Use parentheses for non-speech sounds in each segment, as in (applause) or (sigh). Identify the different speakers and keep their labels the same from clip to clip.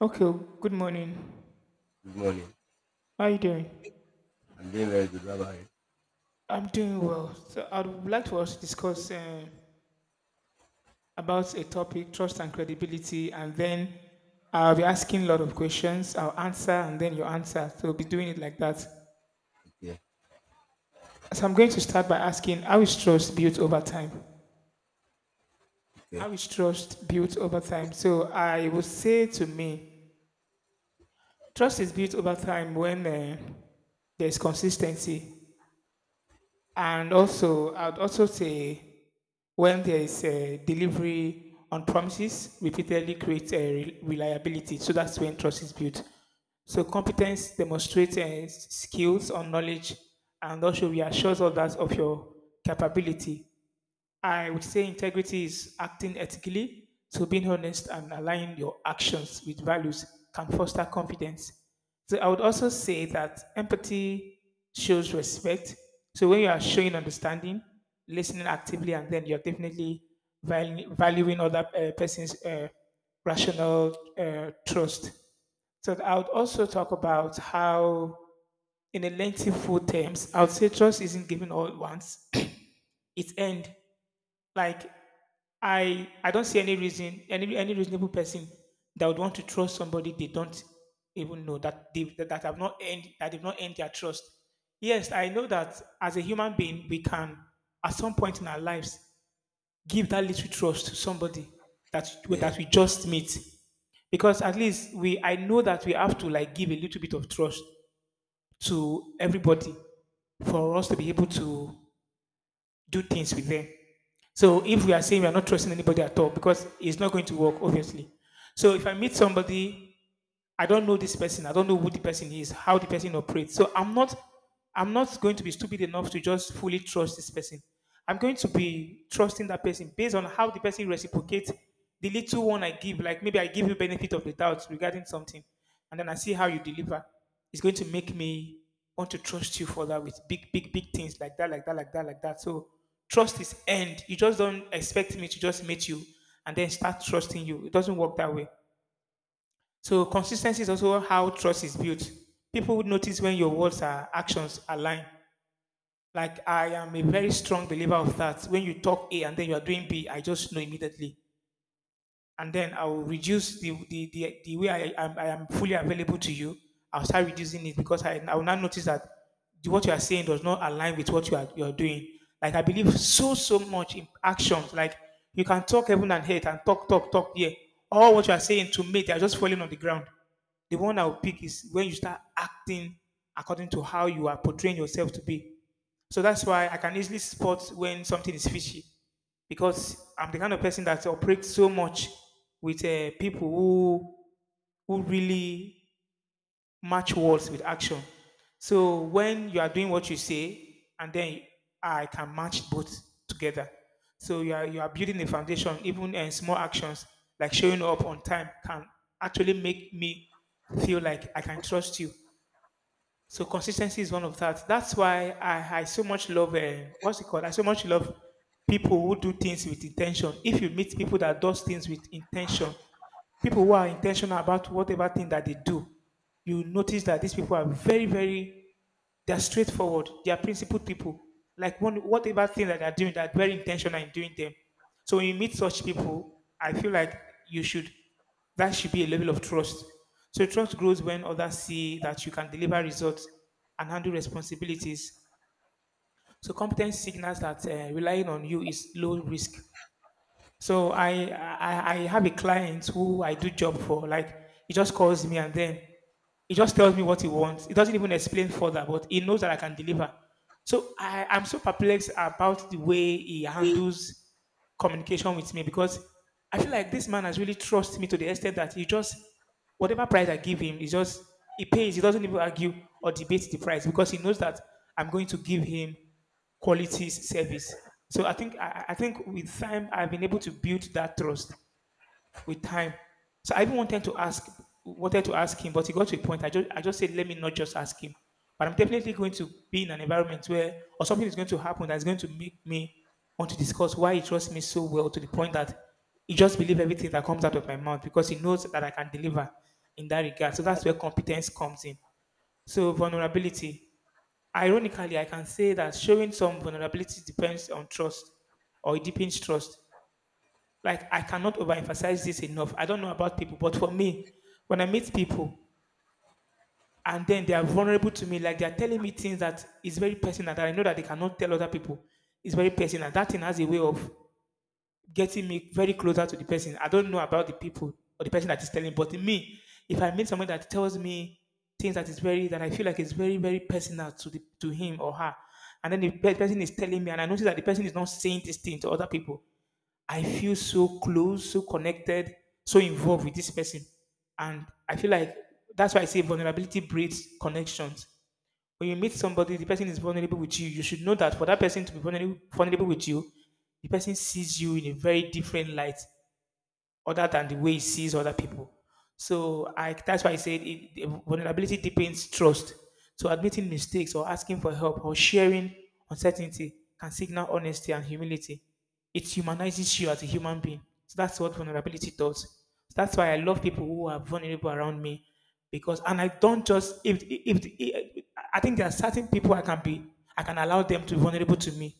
Speaker 1: Okay, good morning.
Speaker 2: Good morning.
Speaker 1: How are you doing?
Speaker 2: I'm doing very good. How about you?
Speaker 1: I'm doing well. So I would like to also discuss about a topic, trust and credibility, and then I'll be asking a lot of questions. I'll answer and then you answer. So we'll be doing it like that.
Speaker 2: Okay.
Speaker 1: So I'm going to start by asking, how is trust built over time?
Speaker 2: Okay.
Speaker 1: How is trust built over time? So I would say to me, trust is built over time when there's consistency. And also, I'd also say when there is a delivery on promises repeatedly creates a reliability, so that's when trust is built. So competence demonstrates skills or knowledge, and also reassures others of your capability. I would say integrity is acting ethically, so being honest and aligning your actions with values can foster confidence. So I would also say that empathy shows respect. So when you are showing understanding, listening actively, and then you're definitely valuing other person's rational trust. So I would also talk about how, in a lengthy full terms, I would say trust isn't given all at once. (clears throat) It's end, like, I don't see any reason, any reasonable person that would want to trust somebody they don't even know, that they that, that have not earned, that they've not earned their trust. Yes, I know that as a human being, we can at some point in our lives give that little trust to somebody, that
Speaker 2: Yeah.
Speaker 1: that we just meet, because at least we, I know that we have to, like, give a little bit of trust to everybody for us to be able to do things with them. So if we are saying we are not trusting anybody at all, because it's not going to work, obviously. So if I meet somebody, I don't know this person, I don't know who the person is, how the person operates. So I'm not going to be stupid enough to just fully trust this person. I'm going to be trusting that person based on how the person reciprocates the little one I give. Like maybe I give you benefit of the doubt regarding something, and then I see how you deliver. It's going to make me want to trust you for that with big, big, big things like that, like that, like that, like that. So trust is earned. You just don't expect me to just meet you and then start trusting you. It doesn't work that way. So consistency is also how trust is built. People would notice when your words or actions align. Like, I am a very strong believer of that. When you talk A and then you are doing B, I just know immediately, and then I will reduce the way I am fully available to you. I'll start reducing it because I will now notice that what you are saying does not align with what you are doing. Like, I believe so much in actions. Like, you can talk heaven and hate and talk, yeah. All what you are saying to me, they are just falling on the ground. The one I will pick is when you start acting according to how you are portraying yourself to be. So that's why I can easily spot when something is fishy, because I'm the kind of person that operates so much with people who really match words with action. So when you are doing what you say, and then I can match both together. So you are building a foundation. Even small actions like showing up on time can actually make me feel like I can trust you. So consistency is one of that. That's why I so much love what's it called? I so much love people who do things with intention. If you meet people that does things with intention, people who are intentional about whatever thing that they do, you notice that these people are very, very, they're straightforward. They are principled people. Like, one, whatever thing that they're doing, they're very intentional in doing them. So when you meet such people, I feel like you should, that should be a level of trust. So trust grows when others see that you can deliver results and handle responsibilities. So competence signals that relying on you is low risk. So I have a client who I do job for. Like, he just calls me and then he just tells me what he wants. He doesn't even explain further, but he knows that I can deliver. So I'm so perplexed about the way he handles communication with me, because I feel like this man has really trusted me to the extent that he just, whatever price I give him, he just, he pays. He doesn't even argue or debate the price, because he knows that I'm going to give him quality service. So I think I think with time I've been able to build that trust with time. So I even wanted to ask him, but he got to a point. I just said, let me not just ask him. But I'm definitely going to be in an environment where, or something is going to happen that's going to make me want to discuss why he trusts me so well, to the point that he just believes everything that comes out of my mouth, because he knows that I can deliver in that regard. So that's where competence comes in. So vulnerability. Ironically, I can say that showing some vulnerability depends on trust, or it deepens trust. Like, I cannot overemphasize this enough. I don't know about people, but for me, when I meet people and then they are vulnerable to me, like, they are telling me things that is very personal, that I know that they cannot tell other people, it's very personal. That thing has a way of getting me very closer to the person. I don't know about the people or the person that is telling, but in me, if I meet someone that tells me things that is very, that I feel like is very, very personal to the, to him or her, and then the person is telling me, and I notice that the person is not saying this thing to other people. I feel so close, so connected, so involved with this person. And I feel like that's why I say vulnerability breeds connections. When you meet somebody, the person is vulnerable with you. You should know that for that person to be vulnerable, vulnerable with you, the person sees you in a very different light other than the way he sees other people. So that's why I said it, the vulnerability deepens trust. So admitting mistakes or asking for help or sharing uncertainty can signal honesty and humility. It humanizes you as a human being. So that's what vulnerability does. So that's why I love people who are vulnerable around me because, and I don't just, if I think there are certain people I can be, I can allow them to be vulnerable to me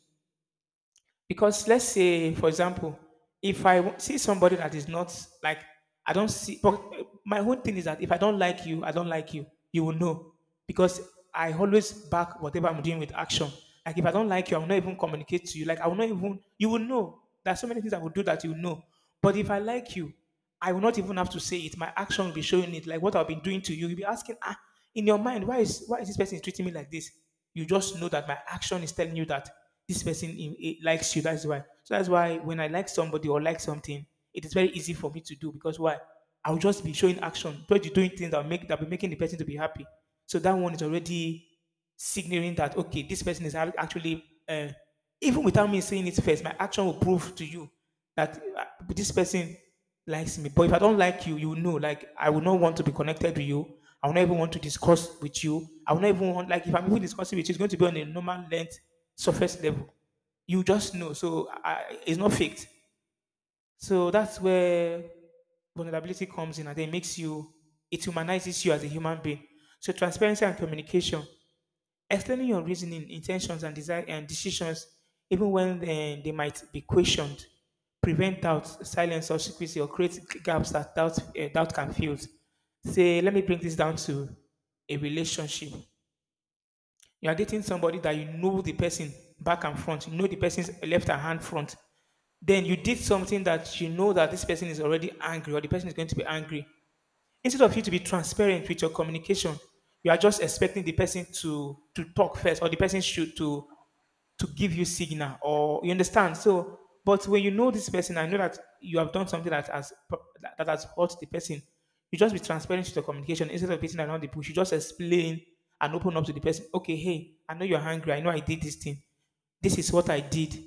Speaker 1: because, let's say, for example, if I see somebody that is not, like, I don't see, but my own thing is that if I don't like you, I don't like you. You will know. Because I always back whatever I'm doing with action. Like, if I don't like you, I will not even communicate to you. Like, I will not even, you will know. There are so many things I will do that you will know. But if I like you, I will not even have to say it. My action will be showing it, like what I've been doing to you. You'll be asking, ah, in your mind, why is this person treating me like this? You just know that my action is telling you that this person in, eh, likes you. That's why. So that's why when I like somebody or like something, it is very easy for me to do because why? I'll just be showing action, but you're doing things that make, that be making the person to be happy. So that one is already signaling that, okay, this person is actually even without me saying it first, my action will prove to you that this person likes me. But if I don't like you know, like, I will not want to be connected to you. I will not even want to discuss with you. I will not even want, like, if I'm even discussing with you, it's going to be on a normal length, surface level. You just know. So I, it's not faked. So that's where vulnerability comes in and it makes you it humanizes you as a human being. So transparency and communication, explaining your reasoning, intentions, and desire and decisions, even when they might be questioned, prevent doubt, silence, or secrecy, or create gaps that doubt doubt can fill. Say, let me bring this down to a relationship. You are dating somebody that you know the person back and front. You know the person's left and hand front. Then you did something that you know that this person is already angry or the person is going to be angry. Instead of you to be transparent with your communication, you are just expecting the person to talk first or the person should to give you signal or you understand, so but when you know this person, I know that you have done something that has that has hurt the person, you just be transparent to the communication instead of beating around the bush. You just explain and open up to the person. Okay, hey, I know you're angry, I know I did this thing, this is what I did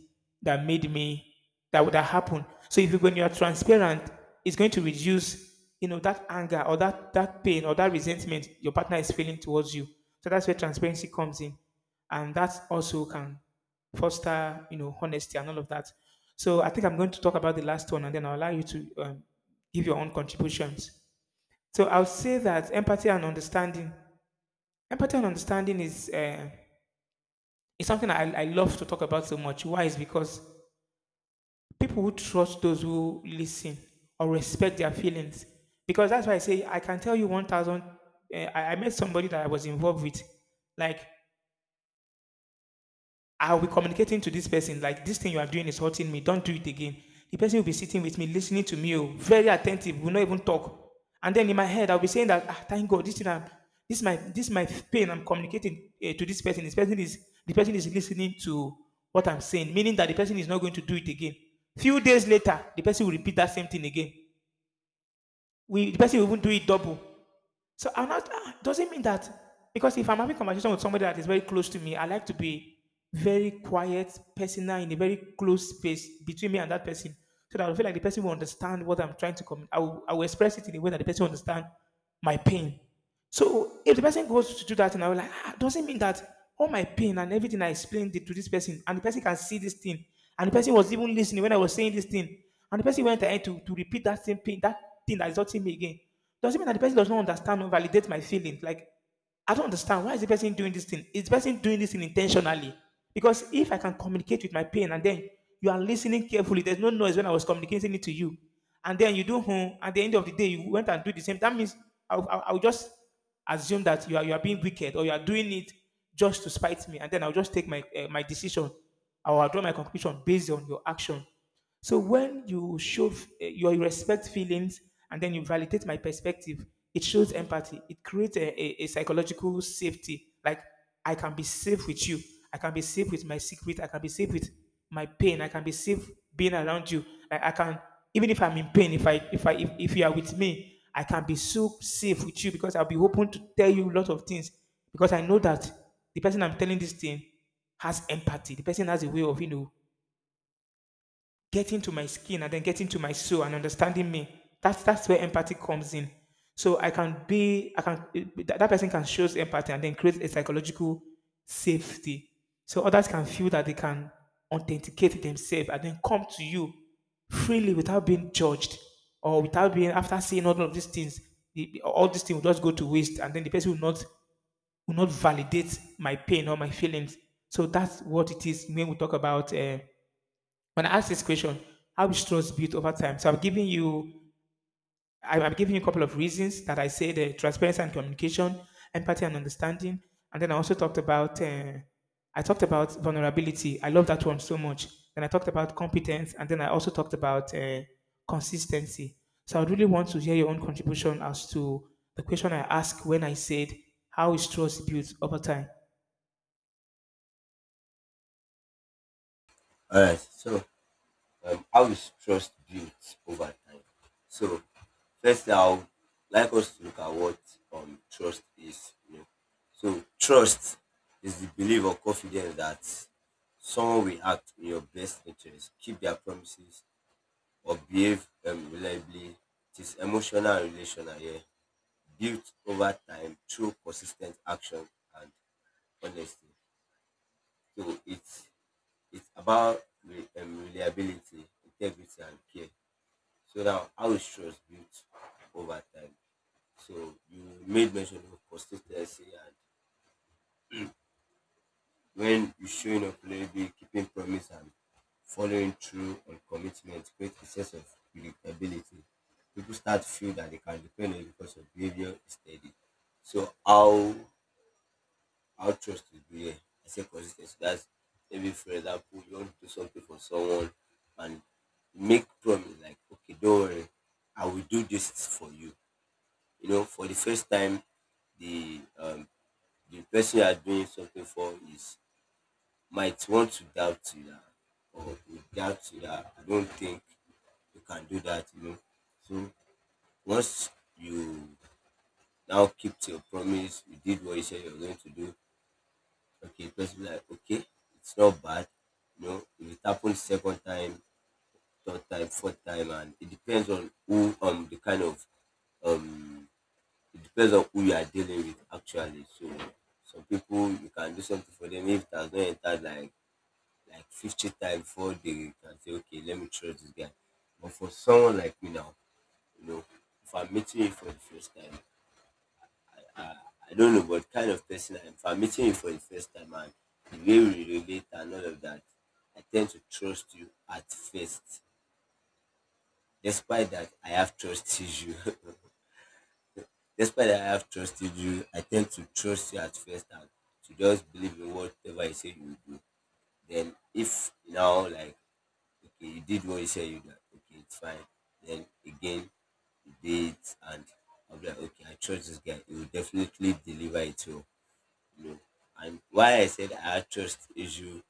Speaker 1: that made me that would have happened. So if you, when you are transparent, it's going to reduce, you know, that anger or that pain or that resentment your partner is feeling towards you. So that's where transparency comes in, and that also can foster, you know, honesty and all of that. So I think I'm going to talk about the last one, and then I'll allow you to give your own contributions. So I'll say that empathy and understanding. Empathy and understanding is something I love to talk about so much. Why is because people who trust those who listen or respect their feelings. Because that's why I say I can tell you 1,000. I met somebody that I was involved with. Like, I'll be communicating to this person, like, this thing you are doing is hurting me. Don't do it again. The person will be sitting with me, listening to me, oh, very attentive, will not even talk. And then in my head, I'll be saying that, ah, thank God, this thing, this is my pain I'm communicating to this person. This person is, the person is listening to what I'm saying, meaning that the person is not going to do it again. Few days later, the person will repeat that same thing again. The person will even do it double. So I'm not, ah, doesn't mean that because if I'm having conversation with somebody that is very close to me, I like to be very quiet, personal, in a very close space between me and that person. So that I feel like the person will understand what I'm trying to communicate. I will express it in a way that the person will understand my pain. So if the person goes to do that and I was like, ah, doesn't mean that all my pain and everything I explained it to this person and the person can see this thing and the person was even listening when I was saying this thing and the person went ahead to repeat that same pain, that thing that is hurting me again. Doesn't mean that the person does not understand or validate my feelings. Like, I don't understand. Why is the person doing this thing? Is the person doing this thing intentionally? Because if I can communicate with my pain and then you are listening carefully, there's no noise when I was communicating it to you. And then you do, hmm, at the end of the day, you went and do the same. That means I'll just assume that you are being wicked or you are doing it just to spite me, and then I'll just take my my decision. I will draw my conclusion based on your action. So when you you respect feelings and then you validate my perspective, it shows empathy. It creates a psychological safety. Like I can be safe with you. I can be safe with my secret. I can be safe with my pain. I can be safe being around you. Like I can, even if I'm in pain, if I if I if you are with me, I can be so safe with you because I'll be open to tell you a lot of things because I know that the person I'm telling this thing has empathy. The person has a way of, you know, getting to my skin and then getting to my soul and understanding me. That's where empathy comes in. So I can be, I can that, that person can show empathy and then create a psychological safety, so others can feel that they can authenticate themselves and then come to you freely without being judged or without being after seeing all of these things. All these things will just go to waste, and then the person will not validate my pain or my feelings. So that's what it is when we talk about, when I asked this question, how is trust built over time? So I'm giving you, I'm giving you a couple of reasons that I say the transparency and communication, empathy and understanding, and then I also talked about, I talked about vulnerability. I love that one so much. Then I talked about competence, and then I also talked about consistency. So I really want to hear your own contribution as to the question I asked when I said, how is trust built over time?
Speaker 2: All right. So, how is trust built over time? So, first, I'll like us to look at what trust is. You know, so trust is the belief or confidence that someone will act in your best interest, keep their promises, or behave reliably. It is emotional and relational, yeah, built over time through consistent action and honesty. So it's about reliability, integrity, and care. So now, how is trust built over time? So you made mention of consistency, and when you showing up reliably, keeping promise, and following through on commitment create a sense of predictability. People start to feel that they can depend on you because your behavior is steady. So how trust is built, I say consistency. That's cy. Maybe for example you want to do something for someone and make promise like, okay, don't worry, I will do this for you, you know, for the first time, the um the person you are doing something for is might want to doubt you dat or will doubt you dat. I don't think you can do that, you know. So once you now keep to your promise, you did what you said you were going to do. Okay, because be like, okay, it's not bad. You know, if it happens second time, third time, fourth time, and it depends on who the kind of um it depends on who you are dealing with actually. So some people you can do something for them if it has not entered like 50 times before they can say, okay, let me trust this guy. But for someone like me now, you know, if I'm meeting you for the first time, I don't know what kind of person I am. If I'm meeting you for the first time and the way we relate and all of that, I tend to trust you at first. Despite that I have trusted you. (laughs) Despite that I have trusted you, I tend to trust you at first and to just believe in whatever you say you will do. Then if you now like, okay, you did what you said you did. Okay, it's fine. Then again you did, and I'll be like, okay, I trust this guy. He will definitely deliver it well. No. And why I said I had trust issue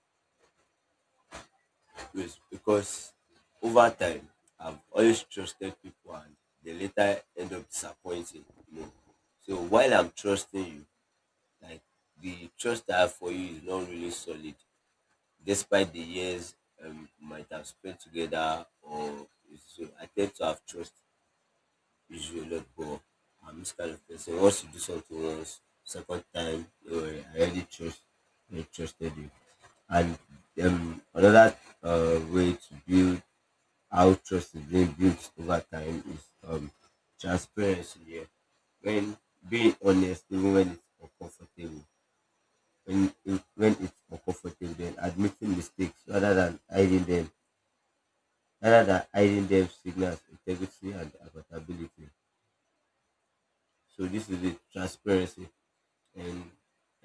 Speaker 2: is because over time I've always trusted people and they later end up disappointing. You know. So while I'm trusting you, like the trust I have for you is not really solid, despite the years we might have spent together or so I tend to have trust usually let go. I'm this kind of person. Once you do something once, second time, don't, I already trust, I trusted you. And another way to build how trust is being built over time is transparency. Yeah. When being honest, even when it's uncomfortable, when it's uncomfortable, then admitting mistakes rather than hiding them, signals integrity and accountability. So this is the transparency. And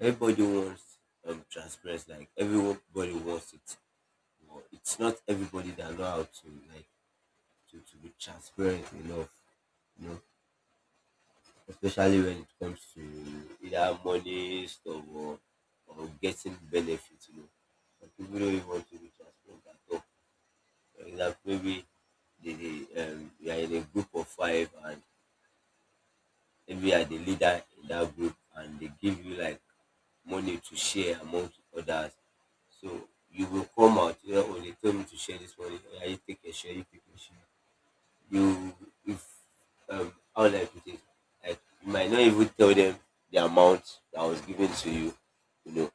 Speaker 2: everybody wants transparency, like everybody wants it, but it's not everybody that know how to like to, be transparent enough, you know, especially when it comes to either money stuff or getting benefits, you know. Some people don't even want to be transparent at all. For example, maybe they you are in a group of five and maybe you are the leader in that group and they give you like money to share amongst others. So you will come out, you know, oh, they told me to share this money. Oh, yeah, you take a share, you take a share. You, if, how do I put it? Like, you might not even tell them the amount that was given to you, you know.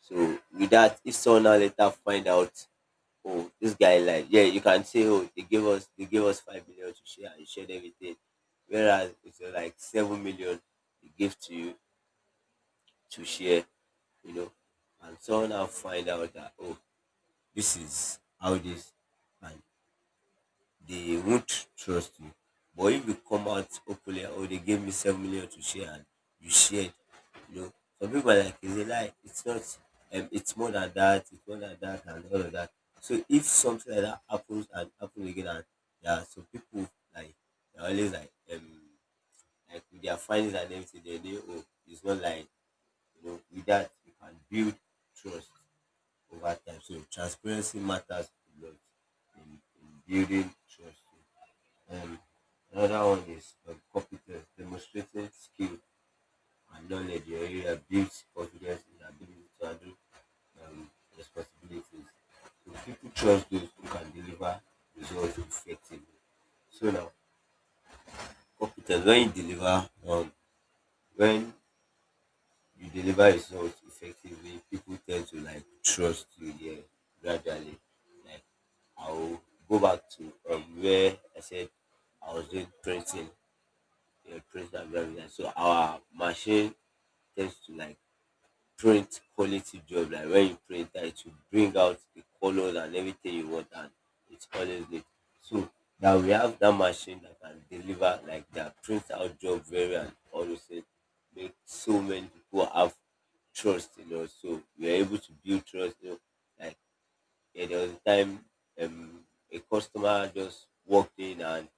Speaker 2: So with that, if someone now later find out, oh, this guy, like, yeah, you can say, oh, they gave us 5 million to share and you shared everything, whereas it's like 7 million they give to you to share, you know, and someone will find out that, oh, this is how this, and they won't trust you. But if you come out openly, oh, they gave me 7 million to share, and you shared, you know, some people are like, is it like it's not, it's more than that, and all of that. So if something like that happens and happens again, and there are some people like they're always like with their findings and everything, they know, oh, it's not like, you know, with that you can build trust over time. So transparency matters a lot in building trust. Um, another one is competence, demonstrating skill and knowledge in your area builds confidence in ability to handle um, responsibilities. So people trust those who can deliver results effectively. So now, competence, when you deliver results effectively, people tend to like trust you there gradually. Like I'll go back to where I said I was doing printing, yeah, print and blah, blah. So our machine tends to like print quality job. Like when you print that, it will bring out the colors and everything you want, and it's always neat. So now we have that machine that can deliver like that print out job very and all those things. Make so many people have trust, you know. So we are able to build trust. You know, like, yeah, there was a time um, a customer just walked in and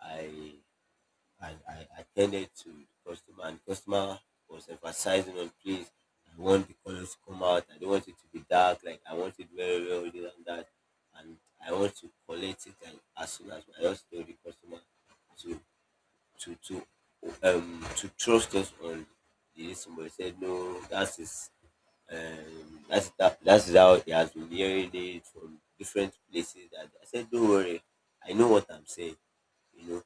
Speaker 2: I I attended to the customer, and the customer was emphasizing on, please, I want the colors to come out. I don't want it to be dark. Like, I want it very well, this and that. And I want to collect it, and as soon as I just told the customer to to to to trust us on this. But he said, no, that's his. That's that, that's how he has been hearing it from different places. And I said, don't worry, I know what I'm saying. You know,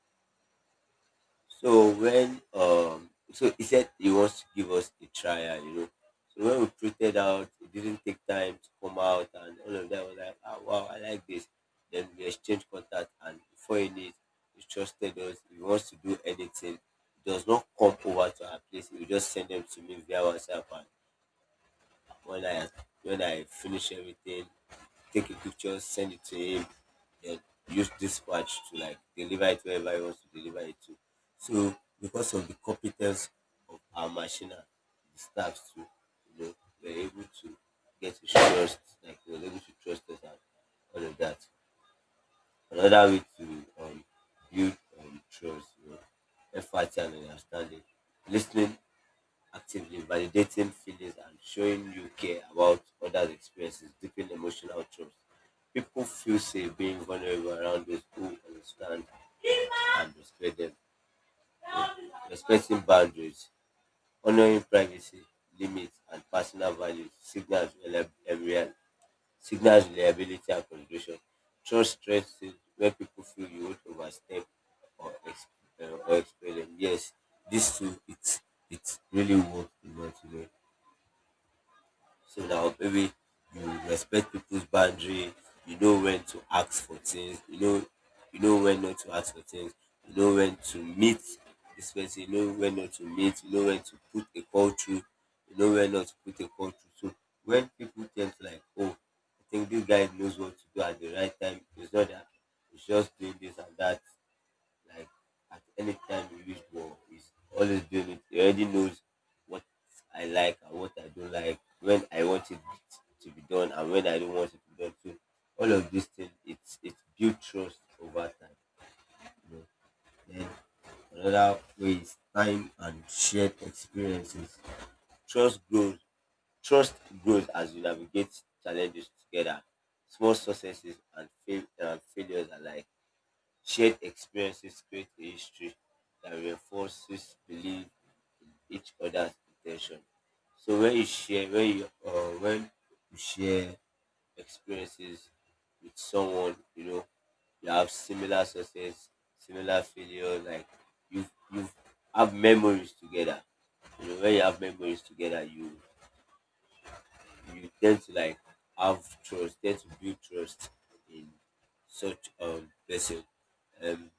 Speaker 2: so when so he said he wants to give us a trial, you know. So when we printed out, it didn't take time to come out and all of that, I was like, ah, wow, I like this. Then we exchanged contact, and before he needs, he trusted us. If he wants to do anything, he does not come over to our place, he will just send them to me via WhatsApp, and when I when I finish everything, take a picture, send it to him, then use dispatch to like deliver it wherever he wants to deliver it to. So because of the competence of our machine, the staffs too, you know, we're able to get to trust, like we're able to trust us and all of that. Another way to um, build trust, you know, empathy and understanding, listening actively, validating feelings, and showing you care about others' experiences deepen emotional trust. People feel safe being vulnerable around those who understand and respect them. Respecting boundaries, honoring privacy, limits, and personal values signals signals reliability and consideration. Trust strengthens when people feel you won't overstep or, or expel them. Yes, this too, it's really works a lot today. So that maybe you respect people's boundary, you know when to ask for things, you know when not to ask for things, you know when to meet this person, you know when not to meet, you know when to put a call through, you know when not to put a call through. So when people think like, oh, I think this guy knows what to do at the right time, it's not that he's just doing this and that, like at any time you use ball, he's always doing it. He already knows what I like and what I don't like, when I want it to be done and when I don't want it to be done. So all of these things, it's built trust over time. You know? Then another way is time and shared experiences. Trust grows. Trust grows as you navigate challenges together. Small successes and, and failures alike. Shared experiences create a history that reinforces belief in each other's intention. So when you share, when you share experiences with someone, you know, you have similar success, similar failure. Like you you have memories together. You know when you have memories together, you tend to like have trust, tend to build trust in such person. Um,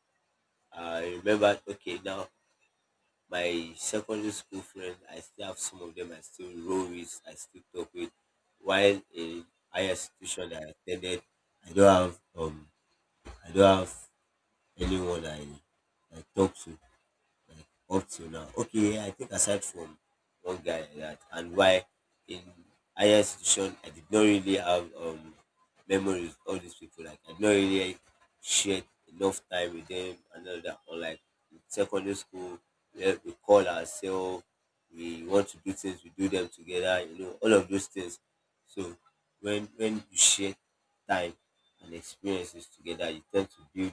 Speaker 2: I remember, okay, now my secondary school friend, I still have some of them I still roll with, I still talk with. While in higher institution I attended, I don't have um, I don't have anyone I talk to up till now. Okay, I think aside from one guy like that, and why in higher institution I did not really have memories of all these people. Like I did not really share enough time with them and all that. Or like in secondary school, where we call ourselves, we want to do things, we do them together. You know, all of those things. So when you share time and experiences together, you tend to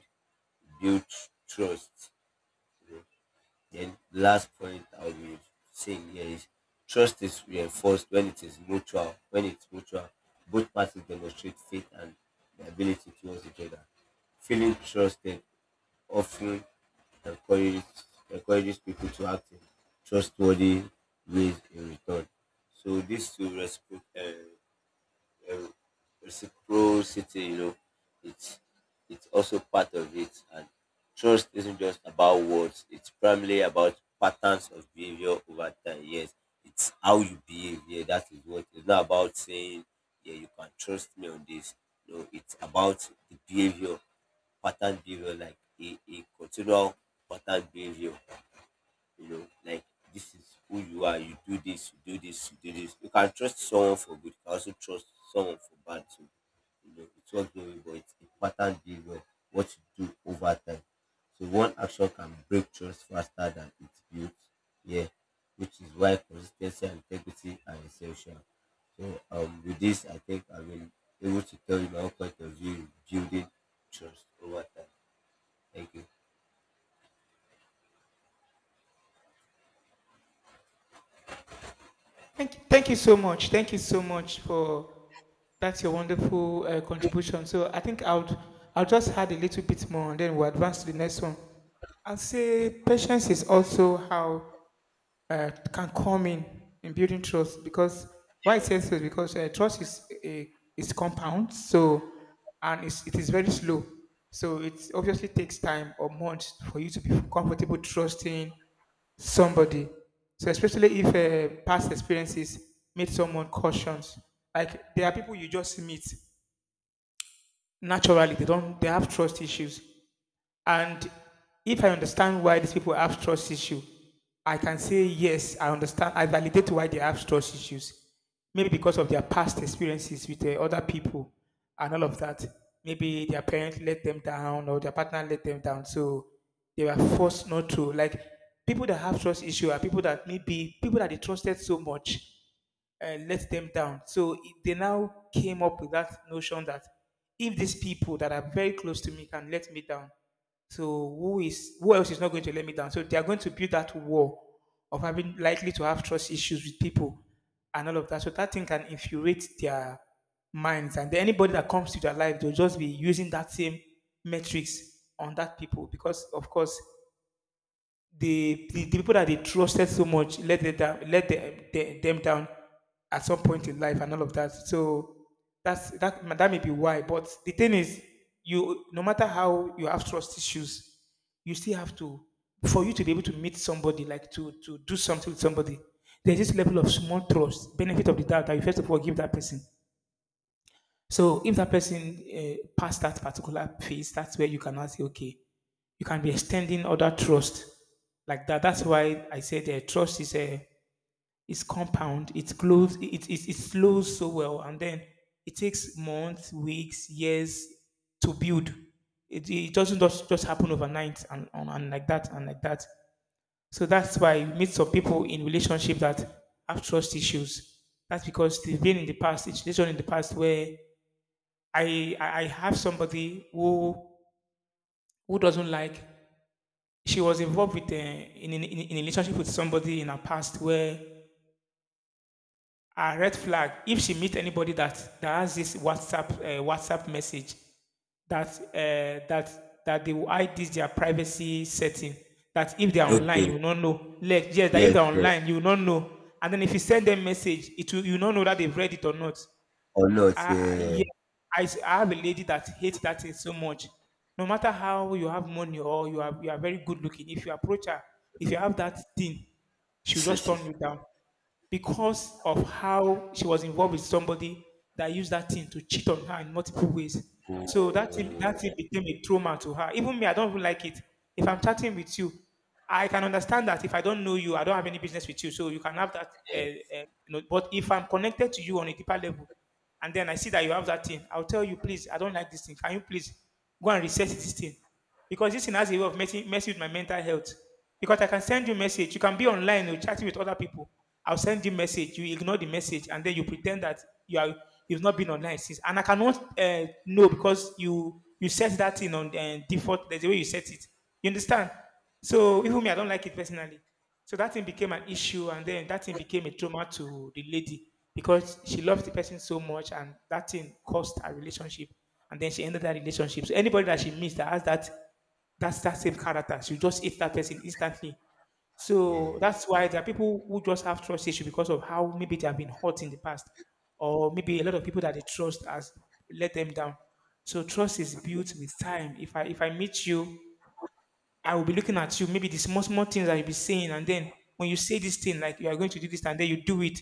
Speaker 2: build trust. You know. The last point I will say here is trust is reinforced when it is mutual. When it's mutual, both parties demonstrate faith and the ability towards each other. Feeling trusted often encourages encourages people to act in trustworthy ways in return. So these two respect. Um, reciprocity, you know, it's also part of it, and trust isn't just about words, it's primarily about patterns of behavior over time. Yes, it's how you behave, yeah, that is what. It's not about saying, yeah, you can trust me on this. No, it's about the behavior, pattern behavior, like a continual pattern behavior, you know, like this is who you are, you do this, you do this, you do this. You can trust someone for good, you can also trust someone for bad too. You know, it's not knowing, but it's a pattern based on what you do over time. So one action can break trust faster than it's built. Yeah, which is why consistency and integrity are essential. So with this, I think I will able to tell you my own point of view in building trust over time. Thank you.
Speaker 1: Thank you so much. Thank you so much for that's your wonderful contribution. So I think I'll just add a little bit more, and then we'll advance to the next one. I'll say
Speaker 2: Okay.
Speaker 1: patience is also how can come in building trust because why it says so is because trust is a is compound, so and it's, it is very slow, so it obviously takes time or months for you to be comfortable trusting somebody. So especially if past experiences made someone cautious, like there are people you just meet naturally they don't they have trust issues. And if I understand why these people have trust issue, I can say yes, I understand. I validate why they have trust issues. Maybe because of their past experiences with other people and all of that. Maybe their parents let them down or their partner let them down, so they were forced not to. Like people that have trust issue are people that maybe people that they trusted so much let them down. So it, they now came up with that notion that if these people that are very close to me can let me down, so who else is not going to let me down? So they are going to build that wall of having likely to have trust issues with people and all of that. So that thing can infuriate their minds, and then anybody that comes to their life, they'll just be using that same metrics on that people because, of course, the people that they trusted so much let them down, let them down at some point in life and all of that. So that's that that may be why. But the thing is, you no matter how you have trust issues, you still have to for you to be able to meet somebody, like to do something with somebody. There's this level of small trust, benefit of the doubt that you first of all give that person. So if that person passed that particular phase, that's where you cannot say, okay, you can be extending other trust like that. That's why I said trust is a is compound. It grows. It flows so well, and then it takes months, weeks, years to build. It doesn't just happen overnight and, and like that and like that. So that's why you meet some people in relationship that have trust issues. That's because they've been in the past, it's situation in the past where I have somebody who doesn't like. She was involved with in a relationship with somebody in her past where a red flag. If she meet anybody that that has this WhatsApp WhatsApp message that that that they will hide this their privacy setting. That if they are online,
Speaker 2: Okay.
Speaker 1: you will not know. Like, yes, that if
Speaker 2: Yes.
Speaker 1: they are
Speaker 2: Yes.
Speaker 1: online, you will not know. And then if you send them message, it will you will not know that they've read it or not.
Speaker 2: Or not.
Speaker 1: I
Speaker 2: Yeah.
Speaker 1: yeah, I s- I have a lady that hates that thing so much. No matter how you have money or you are very good looking, if you approach her, if
Speaker 2: Mhm.
Speaker 1: you have that thing, she'll just turn
Speaker 2: (laughs)
Speaker 1: you down because of how she was involved with somebody that used that thing to cheat on her in multiple ways. So
Speaker 2: Mm,
Speaker 1: that thing became a trauma to her. Even me, I don't even like it. If I'm chatting with you, I can understand that if I don't know you, I don't have any business with you. So you can have that.
Speaker 2: yes,
Speaker 1: But if I'm connected to you on a deeper level, and then I see that you have that thing, I'll tell you, please, I don't like this thing. Can you please go and reset this thing? Because this thing has a way of messing with my mental health. Because I can send you a message. You can be online, you're chatting with other people. I'll send you a message. You ignore the message, and then you pretend that you are you've not been online since. And I cannot know because you set that thing on default. There's a way you set it. You understand? So even me, I don't like it personally. So that thing became an issue, and then that thing became a trauma to the lady because she loved the person so much, and that thing caused her relationship, and then she ended that relationship. So anybody that she meets that has that's that same character, she just hate that person instantly. So
Speaker 2: yeah.
Speaker 1: that's why there are people who just have trust issue because of how maybe they have been hurt in the past, or maybe a lot
Speaker 2: Mhm.
Speaker 1: of people that they trust has let them down. So trust is built with time. If I meet you I will be looking at you, maybe the small, small things I'll be saying, and then when you say this thing, like you are going to do this, and then you do it,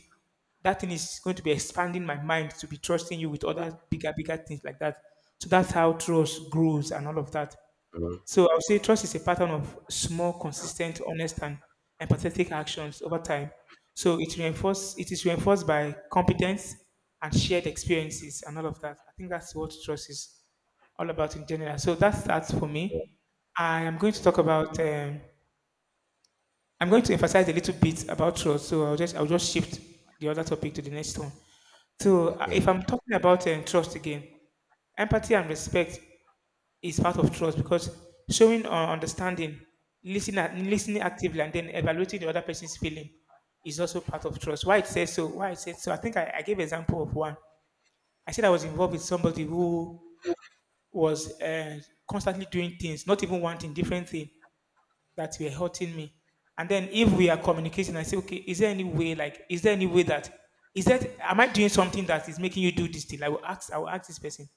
Speaker 1: that thing is going to be expanding my mind to be trusting you with other bigger, bigger things like that. So that's how trust grows and all of that.
Speaker 2: Mhm.
Speaker 1: So I would say trust is a pattern of small, consistent, honest, and empathetic actions over time. So it is reinforced by competence and shared experiences and all of that. I think that's what trust is all about in general. So that's that for
Speaker 2: Yes,
Speaker 1: me. I am going to
Speaker 2: yes.
Speaker 1: talk about. I'm going to emphasize a little bit about trust. So I'll just shift the other topic to the next one. So
Speaker 2: Okay.
Speaker 1: if I'm talking about trust again, empathy and respect is part of trust because showing understanding, listening, listening actively, and then evaluating the other person's feeling is also part of trust. Why it says so? Why it says so? I think I gave example of one. I said I was involved with somebody who was constantly doing things, not even wanting different thing that were hurting me. And then if we are communicating, I say, okay, is there any way? Like, is there any way that is that am I doing something that is making you do this thing? I will ask. I will ask this person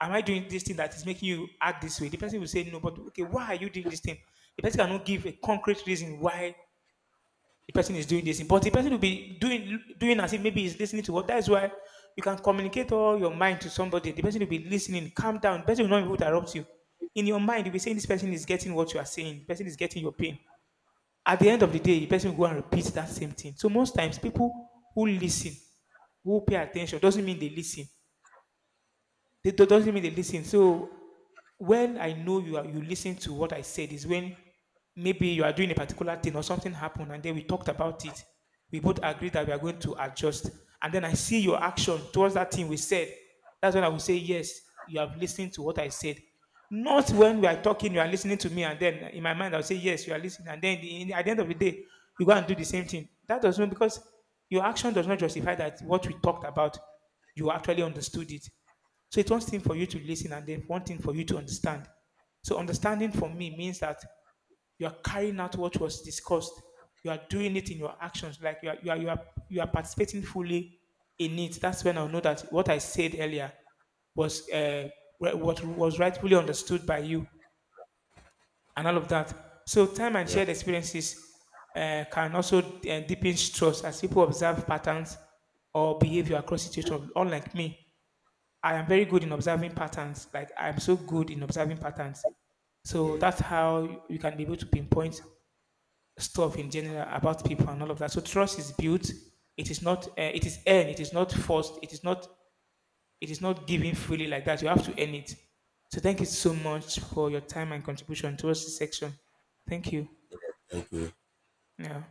Speaker 1: am I doing this thing that is making you act this way? The person will say no, but okay, why are you doing this thing? The person cannot give a concrete reason why the person is doing this thing, but the person will be doing as if maybe he's listening to what. That's why you can communicate all your mind to somebody. The person will be listening, calm down. The person will not be able to interrupt you. In your mind, you'll be saying this person is getting what you are saying. The person is getting your pain. At the end of the day, the person will go and repeat that same thing. So most times, people who listen, who pay attention, doesn't mean they listen. That doesn't mean they listen. So when I know you listen to what I said is when maybe you are doing a particular thing or something happened and then we talked about it. We both agreed that we are going to adjust. And then I see your action towards that thing we said. That's when I will say, yes, you have listened to what I said. Not when we are talking, you are listening to me, and then in my mind I'll say, yes, you are listening. At the end of the day, you go and do the same thing. That does not Because your action does not justify that what we talked about, you actually understood it. So it's one thing for you to listen and then one thing for you to understand. So understanding for me means that you are carrying out what was discussed. You are doing it in your actions, like you are participating fully in it. That's when I know that what I said earlier was what was rightfully understood by you and all of that. So time and
Speaker 2: Yeah.
Speaker 1: shared experiences can also deepen trust as people observe patterns or
Speaker 2: Mhm.
Speaker 1: behavior across situations, unlike me. I am very good in observing patterns. Like I'm so
Speaker 2: Mhm.
Speaker 1: good in observing patterns.
Speaker 2: Yeah.
Speaker 1: So
Speaker 2: Yeah.
Speaker 1: that's how you can be able to pinpoint stuff in general about people and all of that. So trust is built. It is not. It is earned. It is not forced. It is not. It is not given freely like that. You have to earn it. So thank you so much for your time and contribution towards this section. Thank you.
Speaker 2: Thank you.
Speaker 1: Yeah.